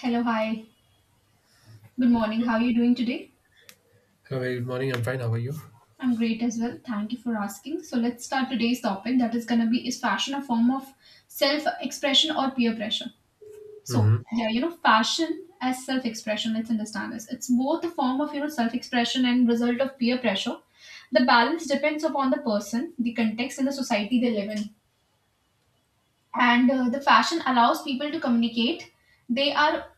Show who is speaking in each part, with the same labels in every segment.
Speaker 1: Hello, hi. Good morning. How are you doing today?
Speaker 2: Hello, very good morning. I'm fine. How are you?
Speaker 1: I'm great as well. Thank you for asking. So let's start today's topic that is going to be, is fashion a form of self-expression or peer pressure?
Speaker 2: Hmm.
Speaker 1: Fashion as self-expression, let's understand this. It's both a form of, self-expression and result of peer pressure. The balance depends upon the person, the context and the society they live in. And the fashion allows people to communicate they are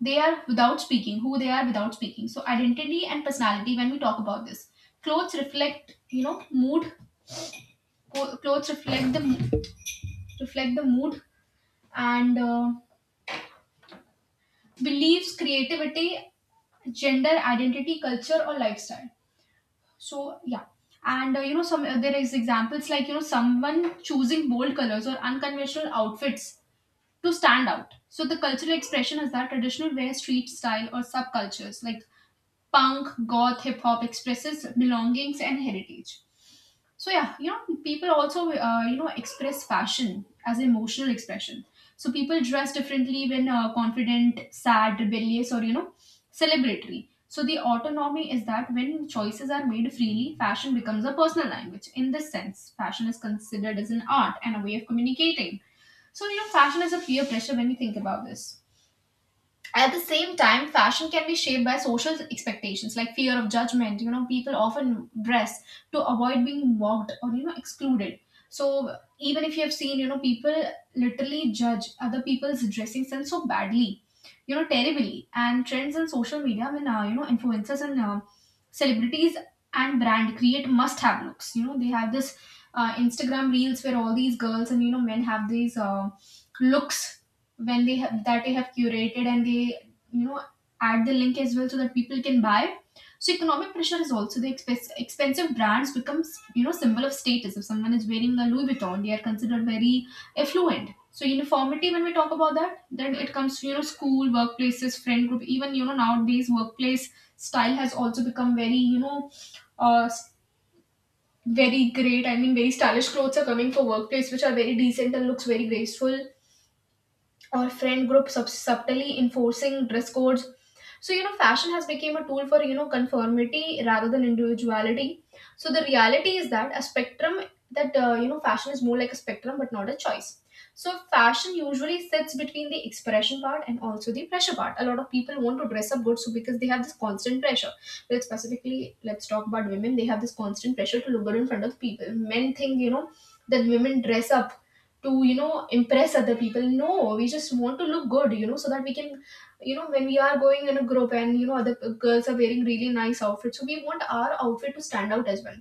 Speaker 1: they are without speaking who they are without speaking. So identity and personality, when we talk about this, clothes reflect mood. Co- clothes reflect the mo- Reflect the mood and beliefs, creativity, gender identity, culture or lifestyle. So yeah and you know some There is examples like, someone choosing bold colors or unconventional outfits to stand out. So the cultural expression is that traditional wear, street style or subcultures like punk, goth, hip hop expresses belongings and heritage. So yeah, people also express fashion as emotional expression. So people dress differently when confident, sad, rebellious, or celebratory. So the autonomy is that when choices are made freely, fashion becomes a personal language. In this sense, fashion is considered as an art and a way of communicating. So fashion is a peer pressure when you think about this. At the same time, fashion can be shaped by social expectations like fear of judgment. You know, people often dress to avoid being mocked or excluded. So even if you have seen, people literally judge other people's dressing sense so badly, terribly, and trends in social media, when influencers and celebrities and brand create must have looks. You know, they have this Instagram reels where all these girls and men have these looks, when they have that they have curated, and they add the link as well so that people can buy. So economic pressure is also the expensive brands becomes, symbol of status. If someone is wearing a Louis Vuitton, they are considered very affluent. So uniformity, when we talk about that, then it comes to, school, workplaces, friend group. Even, nowadays workplace style has also become very, uh, s- very great. I mean, very stylish clothes are coming for workplace which are very decent and looks very graceful. Or friend groups subtly enforcing dress codes. So, fashion has become a tool for, conformity rather than individuality. So the reality is that a spectrum, that, fashion is more like a spectrum but not a choice. So fashion usually sits between the expression part and also the pressure part. A lot of people want to dress up good, so because they have this constant pressure. Let us specifically, let's talk about women. They have this constant pressure to look good in front of people. Men think, that women dress up to, impress other people. No, we just want to look good, so that we can, when we are going in a group and, other girls are wearing really nice outfits, so we want our outfit to stand out as well.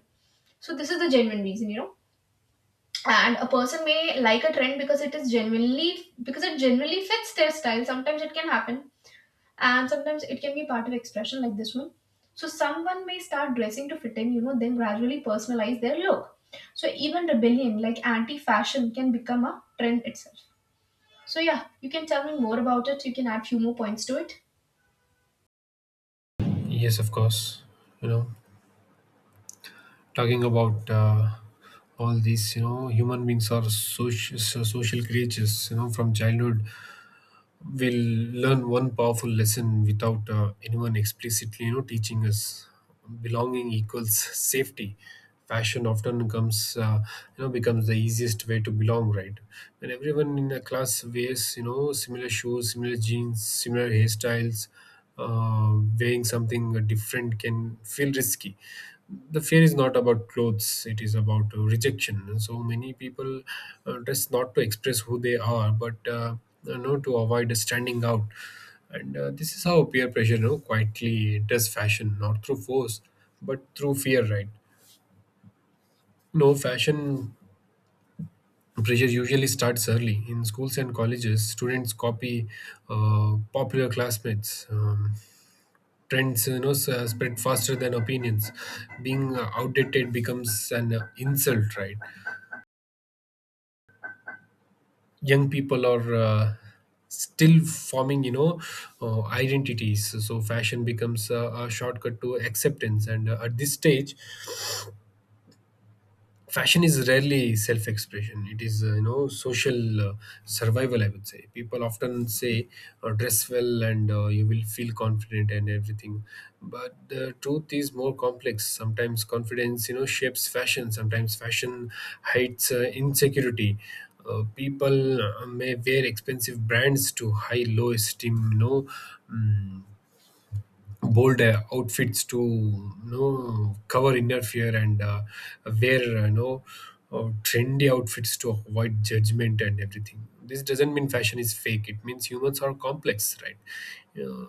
Speaker 1: So this is the genuine reason, and a person may like a trend because it is genuinely because it genuinely fits their style. Sometimes it can happen, and sometimes it can be part of expression like this one. So someone may start dressing to fit in, then gradually personalize their look. So even rebellion like anti-fashion can become a trend itself. So yeah, you can tell me more about it. You can add few more points to it.
Speaker 2: Yes, of course. You know, talking about all these, human beings are social, so social creatures. You know, from childhood, we'll learn one powerful lesson without anyone explicitly teaching us, belonging equals safety. Fashion often comes becomes the easiest way to belong, right? When everyone in a class wears similar shoes, similar jeans, similar hairstyles, uh, wearing something different can feel risky. The fear is not about clothes, it is about rejection. And so many people dress not to express who they are, but to avoid standing out. And this is how peer pressure quietly does fashion, not through force but through fear, right? No, fashion pressure usually starts early in schools and colleges. Students copy popular classmates. Trends spread faster than opinions. Being outdated becomes an insult, right? Young people are still forming identities, so fashion becomes a shortcut to acceptance. And at this stage, fashion is rarely self-expression. It is social survival, I would say. People often say, dress well and you will feel confident and everything, but the truth is more complex. Sometimes confidence shapes fashion, sometimes fashion hides insecurity. People may wear expensive brands to high low esteem, mm, bold outfits to cover inner fear, and wear trendy outfits to avoid judgment and everything. This doesn't mean fashion is fake, it means humans are complex, right? Yeah,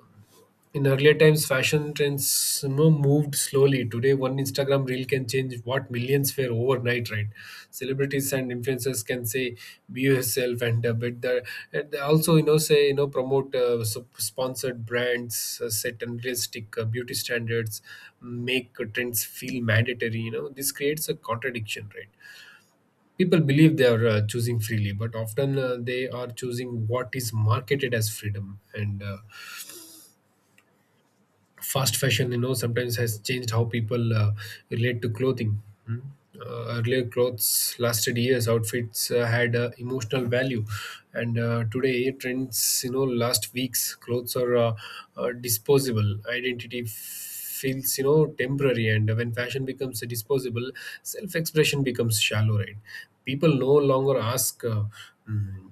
Speaker 2: in earlier times, fashion trends moved slowly. Today, one Instagram reel can change what millions were overnight, right? Celebrities and influencers can say, "Be yourself," and they also say, promote sponsored brands, set unrealistic beauty standards, make trends feel mandatory. You know, this creates a contradiction, right? People believe they are choosing freely, but often they are choosing what is marketed as freedom and. Fast fashion sometimes has changed how people relate to clothing. Hmm. Earlier, clothes lasted years, outfits had emotional value, and today trends last weeks, clothes are disposable, identity feels temporary. And when fashion becomes disposable, self expression becomes shallow, right? People no longer ask, "Hmm,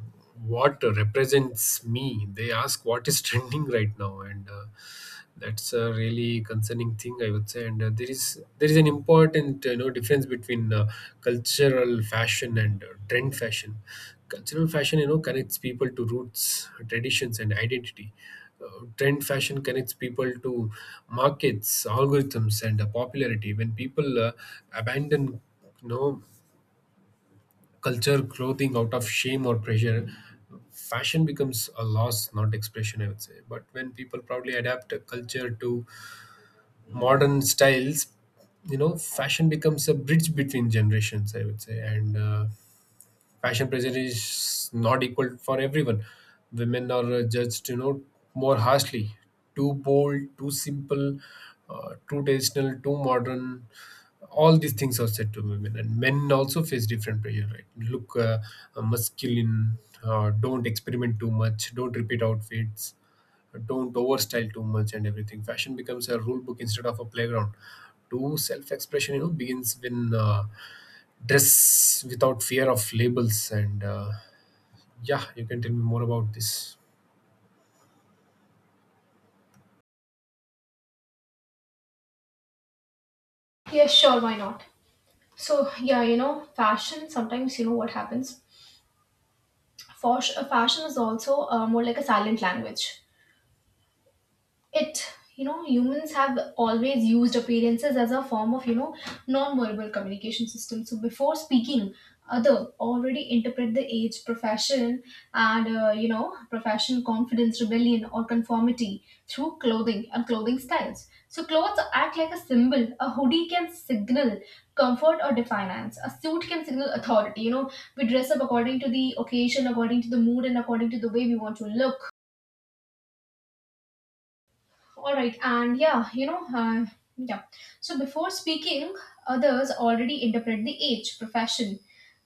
Speaker 2: what represents me? They ask, what is trending right now? And that's a really concerning thing, I would say. And there is an important difference between cultural fashion and trend fashion. Cultural fashion connects people to roots, traditions and identity. Trend fashion connects people to markets, algorithms and popularity. When people abandon you know culture clothing out of shame or pressure, fashion becomes a loss, not expression, I would say. But when people proudly adapt a culture to modern styles, fashion becomes a bridge between generations, I would say. And fashion pressure is not equal for everyone. Women are judged more harshly, too bold, too simple, too traditional, too modern, all these things are said to women. And men also face different pressure, right? Look, masculine, don't experiment too much, don't repeat outfits, don't overstyle too much and everything. Fashion becomes a rule book instead of a playground. Do self-expression begins when dress without fear of labels. And yeah, you can tell me more about this.
Speaker 1: Yes, sure, why not? So yeah, fashion. Sometimes you know what happens. Fashion is also more like a silent language. It Humans have always used appearances as a form of, non-verbal communication system. So before speaking, other already interpret the age, profession, and you know profession confidence, rebellion or conformity through clothing and clothing styles. So clothes act like a symbol. A hoodie can signal comfort or defiance. A suit can signal authority. You know, we dress up according to the occasion, according to the mood, and according to the way we want to look. All right, and yeah, you know, yeah. So before speaking, others already interpret the age, profession,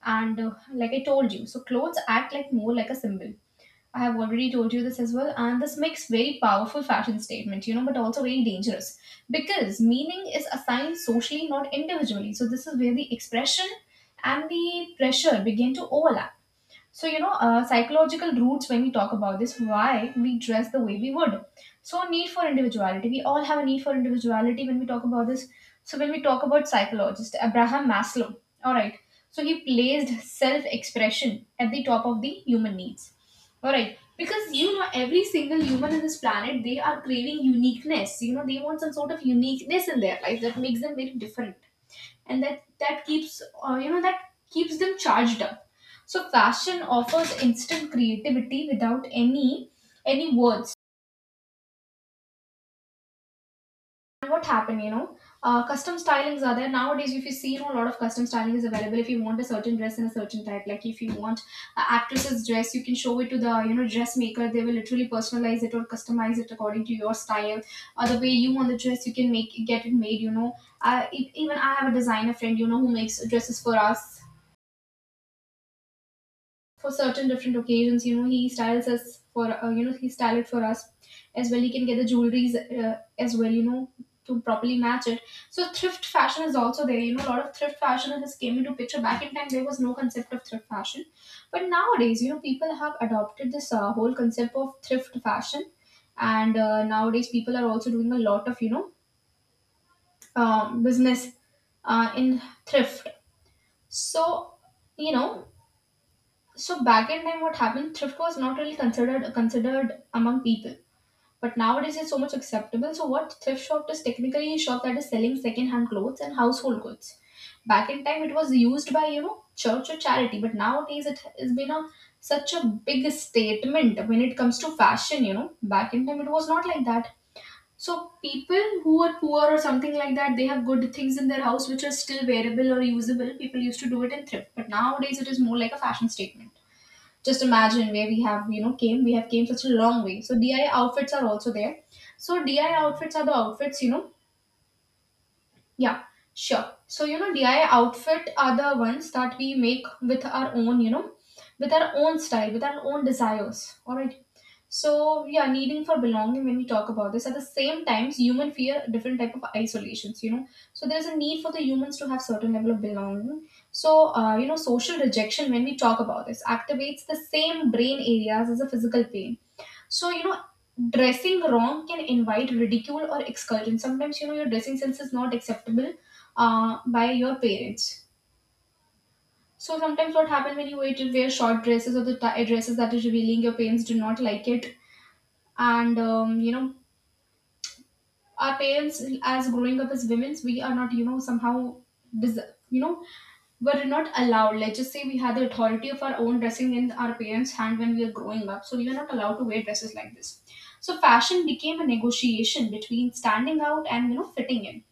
Speaker 1: and like I told you, so clothes act like, more like a symbol. I have already told you this as well, and this makes very powerful fashion statement, but also very dangerous because meaning is assigned socially, not individually. So this is where the expression and the pressure begin to overlap. So, psychological roots when we talk about this, why we dress the way we would. So, need for individuality. We all have a need for individuality when we talk about this. So, when we talk about psychologist Abraham Maslow, all right. So, he placed self expression at the top of the human needs, all right. Because every single human in this planet, they are craving uniqueness. They want some sort of uniqueness in their life that makes them very different, and that keeps, that keeps them charged up. So fashion offers instant creativity without any words. And what happened, custom stylings are there nowadays. If you see, a lot of custom styling is available. If you want a certain dress in a certain type, like if you want an actress's dress, you can show it to the, dressmaker. They will literally personalize it or customize it according to your style or the way you want the dress. You can make get it made. Even I have a designer friend, who makes dresses for us for certain different occasions. You know, he styles us for, he style it for us as well. He can get the jewelries as well. To properly match it. So thrift fashion is also there. You know, a lot of thrift fashion has came into picture. Back in time, there was no concept of thrift fashion, but nowadays, people have adopted this whole concept of thrift fashion, and nowadays people are also doing a lot of, business in thrift. So you know so back in time, what happened? Thrift was not really considered among people, but nowadays it's so much acceptable. So what thrift shop is technically a shop that is selling second-hand clothes and household goods. Back in time, it was used by, church or charity, but nowadays it has been a such a big statement when it comes to fashion. You know, back in time it was not like that. So people who are poor or something like that, they have good things in their house which are still wearable or usable. People used to do it in thrift, but nowadays it is more like a fashion statement. Just imagine where we have, you know came we have came such a long way. So DI outfits are also there. So DI outfits are the outfits, yeah sure, so DI outfit are the ones that we make with our own, with our own style, with our own desires, all right. So yeah, needing for belonging when we talk about this, at the same times human fear different type of isolations, you know. So there's a need for the humans to have certain level of belonging. So social rejection when we talk about this activates the same brain areas as a physical pain. So dressing wrong can invite ridicule or exclusion. Sometimes, your dressing sense is not acceptable by your parents. So sometimes what happens when you wear short dresses or the dresses that is revealing, your parents do not like it, and our parents, as growing up as women, we are not, somehow, des- you know we're not allowed. Let's just say we had the authority of our own dressing in our parents' hand when we are growing up, so we were not allowed to wear dresses like this. So fashion became a negotiation between standing out and, fitting in.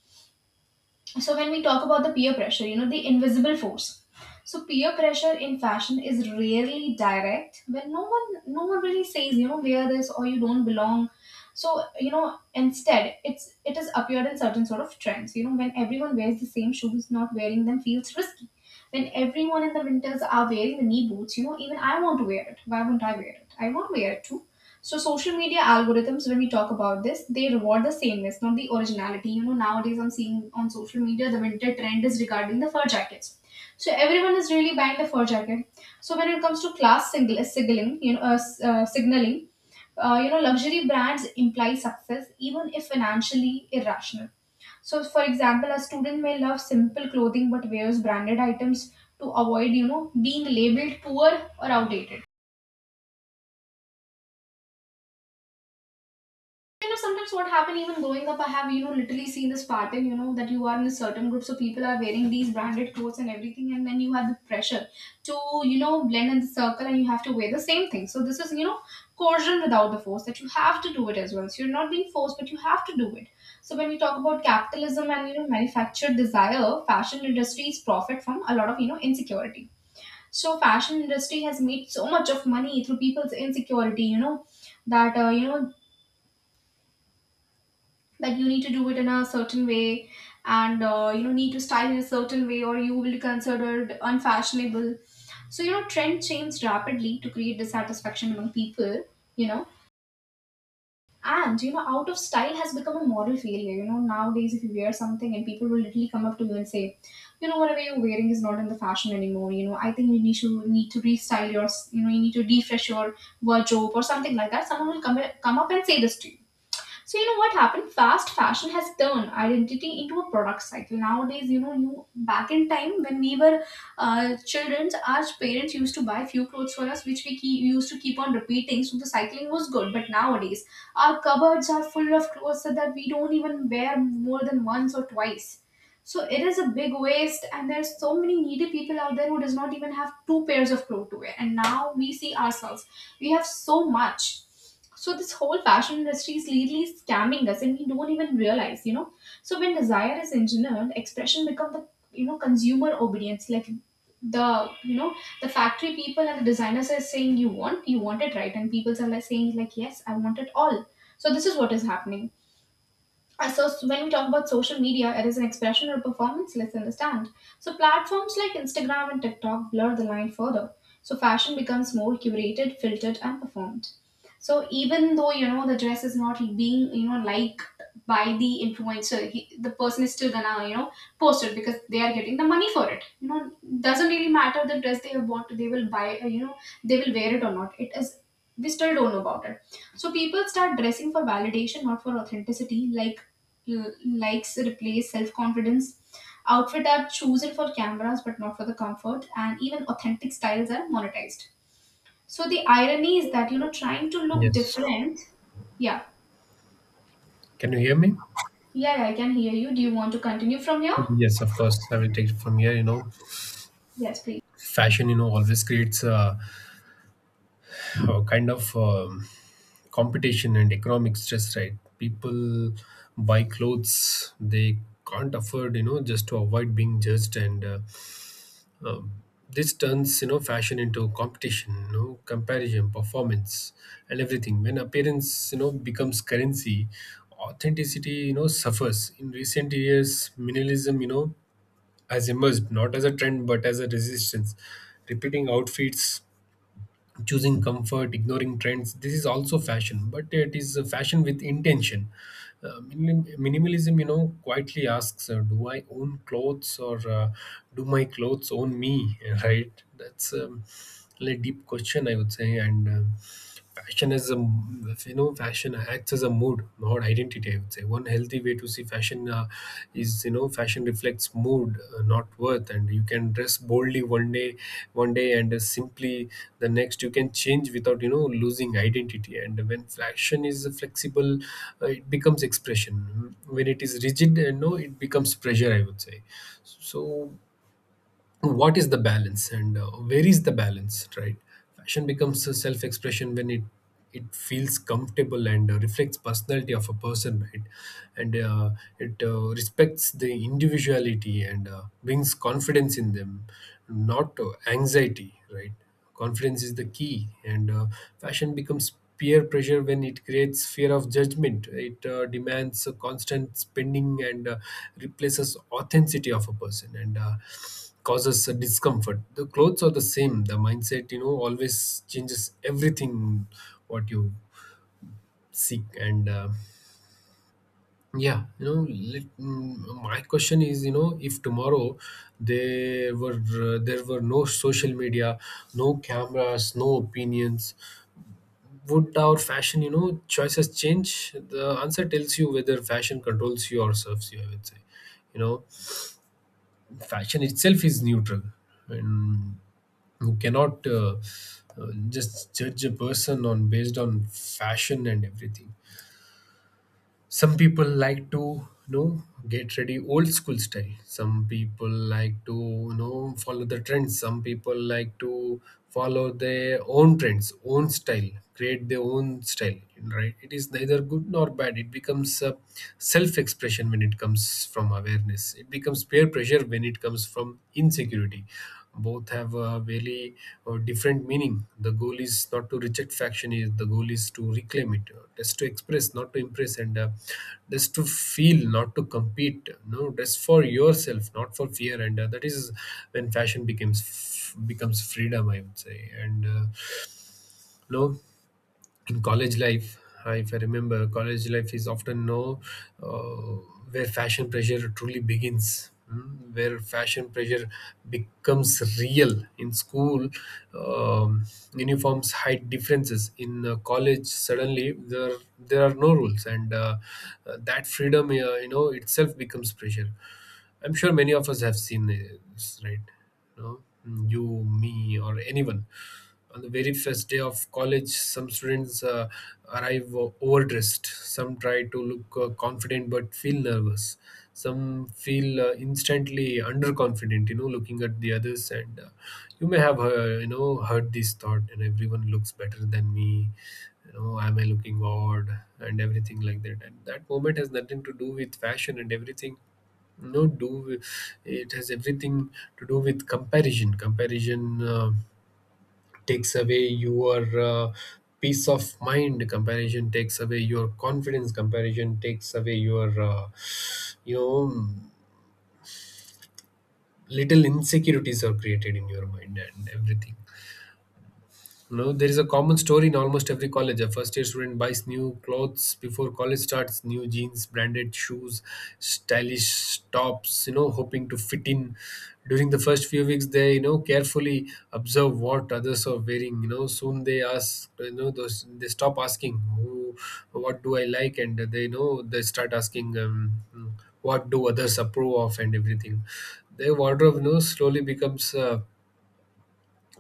Speaker 1: So when we talk about the peer pressure, you know, the invisible force. So peer pressure in fashion is rarely direct, when no one really says, you know, wear this or you don't belong. So, you know, instead it's it is appeared in certain sort of trends. You know, when everyone wears the same shoes, not wearing them feels risky. When everyone in the winters are wearing the knee boots, you know, even I want to wear it. Why will not I wear it? I want to wear it too. So social media algorithms, when we talk about this, they reward the sameness, not the originality. You know, nowadays I'm seeing on social media the winter trend is regarding the fur jackets. So everyone is really buying the fur jacket. So when it comes to class singl- signaling, you know, s- signaling, you know, luxury brands imply success even if financially irrational. So, for example, a student may love simple clothing but wears branded items to avoid, you know, being labeled poor or outdated. You know, sometimes what happened, even growing up, I have, you know, literally seen this pattern, you know, that you are in a certain group, so people are wearing these branded clothes and everything, and then you have the pressure to, you know, blend in the circle and you have to wear the same thing. So this is, you know, coercion without the force, that you have to do it as well. So you're not being forced, but you have to do it. So when we talk about capitalism and, you know, manufactured desire, fashion industries profit from a lot of, you know, insecurity. So fashion industry has made so much of money through people's insecurity, you know, that like you need to do it in a certain way, and you know, need to style in a certain way or you will be considered unfashionable. So, you know, trend changed rapidly to create dissatisfaction among people, you know and, you know, out of style has become a moral failure. You know, nowadays if you wear something, and people will literally come up to you and say, you know, whatever you're wearing is not in the fashion anymore. You know, I think you need to restyle your, you know, you need to refresh your wardrobe or something like that. Someone will come up and say this to you. So, you know, what happened? Fast fashion has turned identity into a product cycle. Nowadays, you know, you back in time when we were children, our parents used to buy few clothes for us, which we used to keep on repeating. So the cycling was good. But nowadays, our cupboards are full of clothes so that we don't even wear more than once or twice. So it is a big waste, and there's so many needy people out there who does not even have two pairs of clothes to wear. And now we see ourselves, we have so much. So this whole fashion industry is literally scamming us, and we don't even realize, you know. So when desire is engineered, expression become the, you know, consumer obedience, like the, you know the factory people and the designers are saying, you want, you want it, right? And people are like saying like, yes, I want it all. So this is what is happening. So when we talk about social media, it is an expression or performance. Let's understand. So platforms like Instagram and TikTok blur the line further. So fashion becomes more curated, filtered, and performed. So even though, you know, the dress is not being, you know, liked by the influencer, the person is still gonna, you know, post it because they are getting the money for it. You know, doesn't really matter the dress they have bought, they will buy. You know, they will wear it or not, it is, we still don't know about it. So people start dressing for validation, not for authenticity. Like, likes replace self confidence. Outfit are chosen for cameras but not for the comfort, and even authentic styles are monetized. So the irony is that, you know, trying to look
Speaker 2: Yes,
Speaker 1: different. Yeah,
Speaker 2: can you hear me?
Speaker 1: yeah, yeah, I can hear you. Do you want to continue from here?
Speaker 2: Yes, of course. I will take it from here. You know,
Speaker 1: Yes, please.
Speaker 2: fashion, you know, always creates a kind of competition and economic stress, right? People buy clothes they can't afford, you know, just to avoid being judged. And Um, this turns fashion into competition, you know, comparison, performance, and everything. When appearance becomes currency, authenticity suffers. In recent years, minimalism has emerged, not as a trend but as a resistance. Repeating outfits, choosing comfort, ignoring trends, this is also fashion, but it is a fashion with intention. Minimalism quietly asks, do I own clothes, or do my clothes own me right? That's a deep question, I would say. And fashion as a fashion acts as a mood, not identity, I would say. One healthy way to see fashion is, fashion reflects mood, not worth, and you can dress boldly one day and simply the next. You can change without losing identity. And when fashion is flexible, it becomes expression. When it is rigid and no, it becomes pressure, I would say. So what is the balance, and where is the balance, right? Fashion becomes a self-expression when it feels comfortable and reflects personality of a person, right? And it respects the individuality and brings confidence in them, not anxiety, right? Confidence is the key. And fashion becomes peer pressure when it creates fear of judgment. It demands a constant spending and replaces authenticity of a person and causes a discomfort. The clothes are the same. The mindset, you know, always changes everything what you seek. And. Yeah, you know, my question is, you know, if tomorrow there were there were no social media, no cameras, no opinions, would our fashion, you know, choices change? The answer tells you whether fashion controls you or serves you, I would say. You know, fashion itself is neutral, and you cannot just judge a person on based on fashion and everything. Some people like to get ready old school style, some people like to follow the trends, some people like to follow their own trends, own style, create their own style, right? It is neither good nor bad. It becomes self expression when it comes from awareness, it becomes peer pressure when it comes from insecurity. Both have a very different meaning. The goal is not to reject faction; is the goal is to reclaim it, just to express, not to impress, and just to feel, not to compete. No, just for yourself, not for fear. And that is when fashion becomes freedom, I would say. And no, in college life, if I remember, college life is often now, uh, where fashion pressure truly begins, where fashion pressure becomes real. In school, um, uniforms hide differences. In college, suddenly there are no rules, and that freedom itself becomes pressure. I'm sure many of us have seen this, right? Know, you, me, or anyone. On the very first day of college, some students arrive overdressed. Some try to look confident but feel nervous. Some feel instantly underconfident, you know, looking at the others. And you may have, heard this thought, and everyone looks better than me. You know, am I looking odd? And everything like that. And that moment has nothing to do with fashion and everything. No, do, it has everything to do with comparison. Comparison takes away your peace of mind, comparison takes away your confidence, comparison takes away your you know little insecurities are created in your mind and everything. No, there is a common story in almost every college. A first year student buys new clothes before college starts, new jeans, branded shoes, stylish tops, you know, hoping to fit in. During the first few weeks, they, you know, carefully observe what others are wearing. You know, soon they ask, you know, those they stop asking, who, what do I like? And they know they start asking, what do others approve of and everything. Their wardrobe, you know, slowly becomes.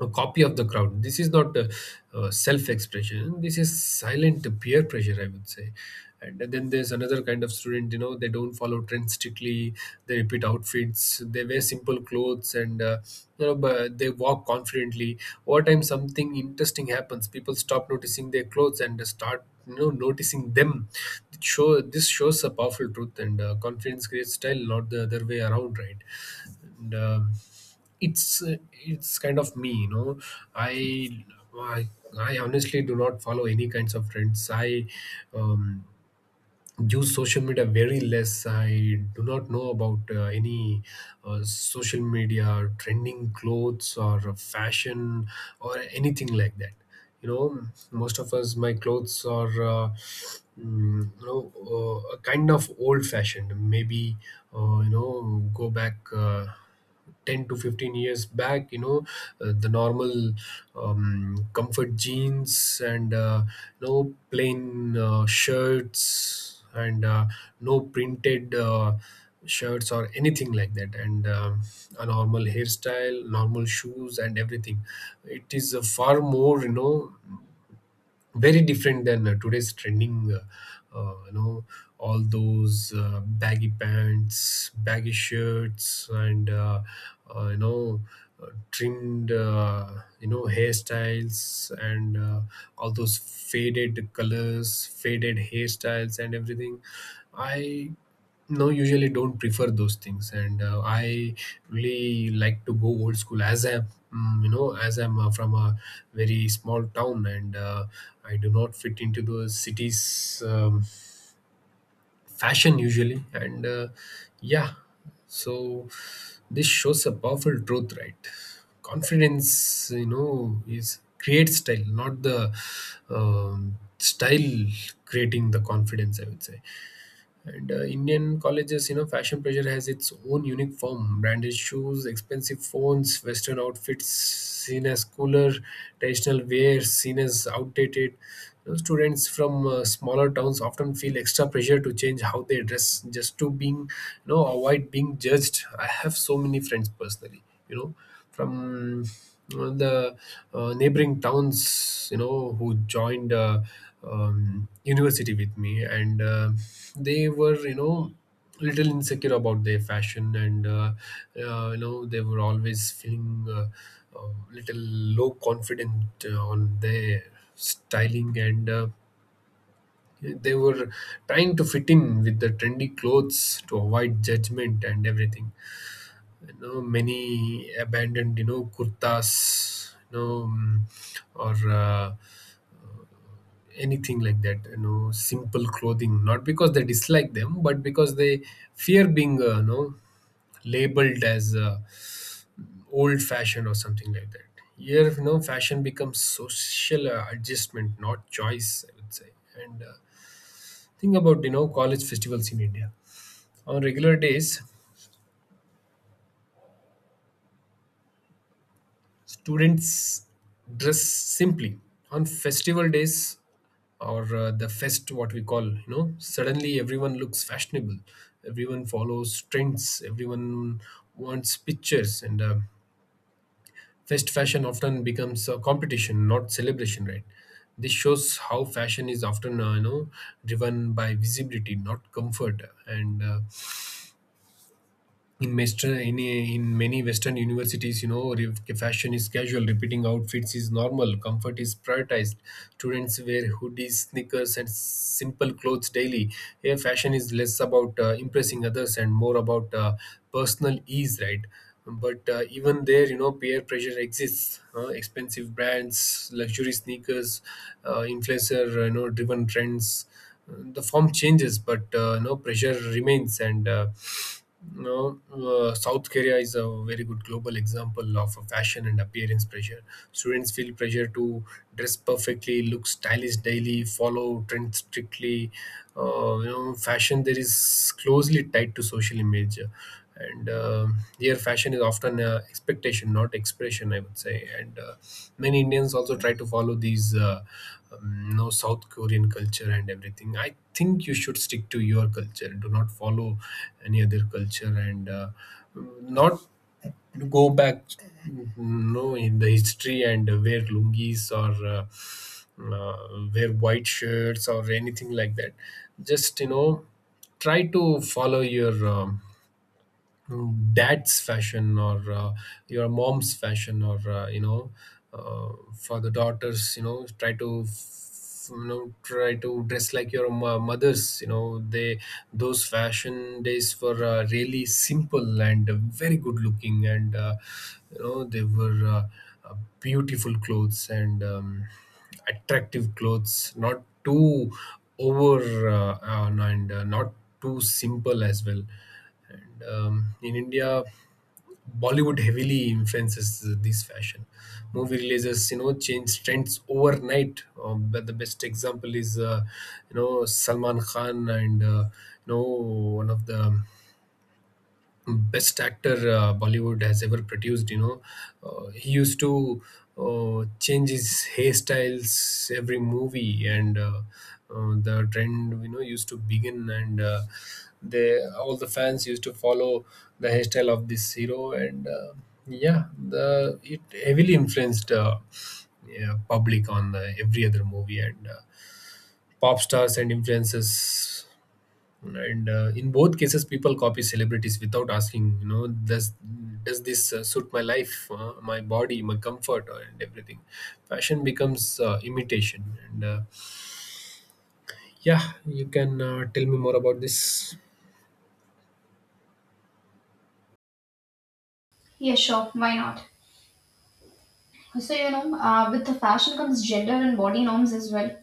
Speaker 2: A copy of the crowd. This is not self-expression. This is silent peer pressure, I would say. And then there's another kind of student, you know, they don't follow trends strictly. They repeat outfits. They wear simple clothes, and but they walk confidently. Over time, something interesting happens. People stop noticing their clothes and start, you know, noticing them. It show This shows a powerful truth, and confidence creates style, not the other way around, right? And it's kind of me, I, I I honestly do not follow any kinds of trends. I um use social media very less. I do not know about any social media trending clothes or fashion or anything like that. You know, most of us, my clothes are you know, kind of old fashioned maybe. You know, go back 10 to 15 years back, you know, the normal comfort jeans and no plain shirts and no printed shirts or anything like that. And a normal hairstyle, normal shoes and everything. It is far more, you know, very different than today's trending, you know, all those baggy pants, baggy shirts and you know, trimmed, you know, hairstyles and all those faded colors, faded hairstyles and everything. I No, usually don't prefer those things. And I really like to go old school, as I, you know, as I'm from a very small town. And I do not fit into the city's fashion usually. And yeah. So this shows a powerful truth, right? Confidence, you know, is create style, not the style creating the confidence, I would say. And Indian colleges, you know, fashion pressure has its own unique form. Branded shoes, expensive phones, Western outfits seen as cooler, traditional wear seen as outdated. You know, students from smaller towns often feel extra pressure to change how they dress, just to being, you know, avoid being judged. I have so many friends personally, you know, from the neighboring towns, you know, who joined university with me. And they were, you know, little insecure about their fashion. And you know, they were always feeling little low confident on their styling. And they were trying to fit in with the trendy clothes to avoid judgment and everything. You know, many abandoned, you know, kurtas, you know mm, or uh, anything like that, you know, simple clothing, not because they dislike them, but because they fear being, you know, labeled as old fashioned or something like that. Here, you know, fashion becomes social adjustment, not choice, I would say. And think about, you know, college festivals in india. On regular days, students dress simply. On festival days, or the fest, what we call, you know, suddenly everyone looks fashionable. Everyone follows trends. Everyone wants pictures. And fest fashion often becomes a competition, not celebration, right? This shows how fashion is often, you know, driven by visibility, not comfort. And in Western in in many Western universities, you know, fashion is casual, repeating outfits is normal, comfort is prioritized. Students wear hoodies, sneakers, and simple clothes daily. Here, fashion is less about impressing others and more about personal ease, right? But even there, you know, peer pressure exists. Expensive brands, luxury sneakers, influencer, you know, driven trends. The form changes, but no pressure remains. And no, South Korea is a very good global example of a fashion and appearance pressure. Students feel pressure to dress perfectly, look stylish daily, follow trends strictly. You know, fashion there is closely tied to social image, and here fashion is often expectation, not expression, I would say. And many Indians also try to follow these, you know, South Korean culture and everything. I think you should stick to your culture. Do not follow any other culture. And not go back, you know, in the history, and wear lungis or uh, uh, wear white shirts or anything like that. Just, you know, try to follow your dad's fashion or your mom's fashion, or you know, for the daughters, you know, try to you know, try to dress like your mothers. You know, they, those fashion days were really simple and very good looking. And you know, they were uh, beautiful clothes and attractive clothes, not too over, and not too simple as well. In India, Bollywood heavily influences this fashion. Movie releases, you know, change trends overnight. But the best example is, you know, Salman Khan. And you know, one of the best actor Bollywood has ever produced. You know, he used to change his hairstyles every movie, and the trend, you know, used to begin. And they, all the fans used to follow the hairstyle of this hero. And yeah, the it heavily influenced. Yeah, public on every other movie, and pop stars and influences. And in both cases, people copy celebrities without asking, you know, does this suit my life, my body, my comfort, and everything. Fashion becomes imitation. And yeah, you can tell me more about this.
Speaker 1: Yeah, sure. Why not? So, you know, with the fashion comes gender and body norms as well.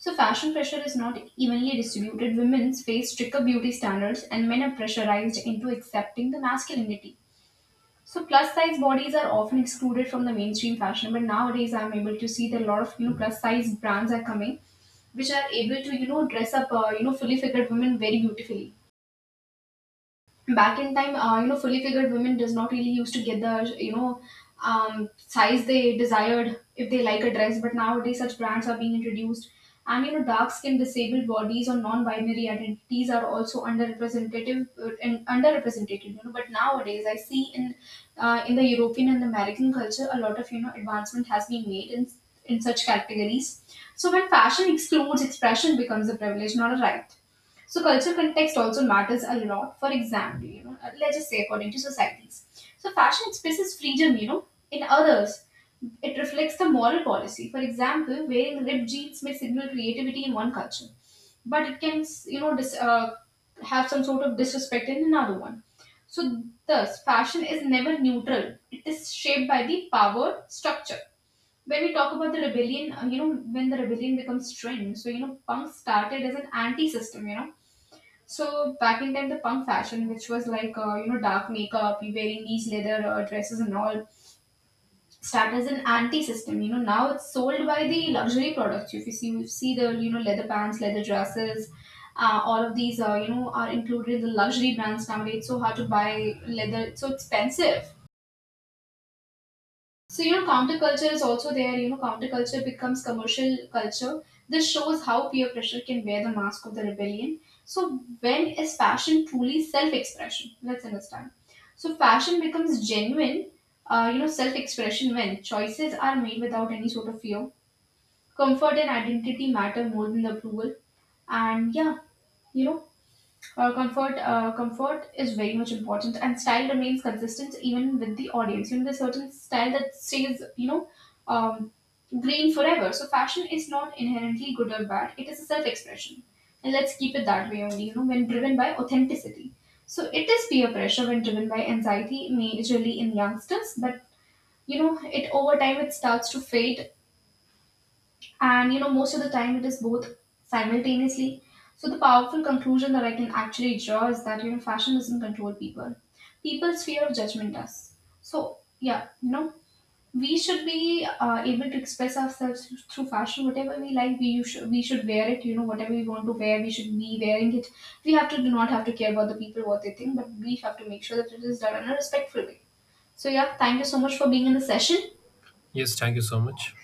Speaker 1: So fashion pressure is not evenly distributed. Women face stricter beauty standards, and men are pressurized into accepting the masculinity. So plus size bodies are often excluded from the mainstream fashion, but nowadays I'm able to see that a lot of, you know, plus size brands are coming, which are able to, you know, dress up, you know, fully figured women very beautifully. Back in time, you know, fully figured women does not really used to get the, you know, size they desired if they like a dress, but nowadays such brands are being introduced. And, you know, dark skinned, disabled bodies or non-binary identities are also underrepresentative, and underrepresented, you know, but nowadays I see in, in the European and American culture a lot of, you know, advancement has been made in such categories. So when fashion excludes, expression becomes a privilege, not a right. So cultural context also matters a lot. For example, you know, let's just say according to societies. So fashion expresses freedom, you know, in others. It reflects the moral policy. For example, wearing ripped jeans may signal creativity in one culture, but it can, you know, have some sort of disrespect in another one. So thus, fashion is never neutral. It is shaped by the power structure. When we talk about the rebellion, you know, when the rebellion becomes trend, so you know, punk started as an anti-system, you know, so back in time, the punk fashion, which was like you know, dark makeup, you wearing these leather dresses and all, started as an anti-system. You know, now it's sold by the luxury products. If you see, you see the, you know, leather pants, leather dresses, all of these, you know, are included in the luxury brands nowadays. It's so hard to buy leather, it's so expensive. So, you know, counterculture is also there. You know, counterculture becomes commercial culture. This shows how peer pressure can wear the mask of the rebellion. So, when is fashion truly self expression? Let's understand. So, fashion becomes genuine, you know, self expression when choices are made without any sort of fear. Comfort and identity matter more than the approval. And yeah, you know, comfort is very much important, and style remains consistent even with the audience. You know, there's certain style that stays, you know, um, green forever. So fashion is not inherently good or bad; it is a self-expression, and let's keep it that way only. You know, when driven by authenticity. So it is peer pressure when driven by anxiety, majorly in youngsters, but you know, it over time it starts to fade. And, you know, most of the time it is both simultaneously. So the powerful conclusion that I can actually draw is that, you know, fashion doesn't control people, people's fear of judgment does. So yeah, you know, we should be, able to express ourselves through fashion. Whatever we like, we you should, we should wear it. You know, whatever we want to wear, we should be wearing it. We have to, do not have to care about the people what they think, but we have to make sure that it is done in a respectful way. So yeah, thank you so much for being in the session.
Speaker 2: Yes, thank you so much.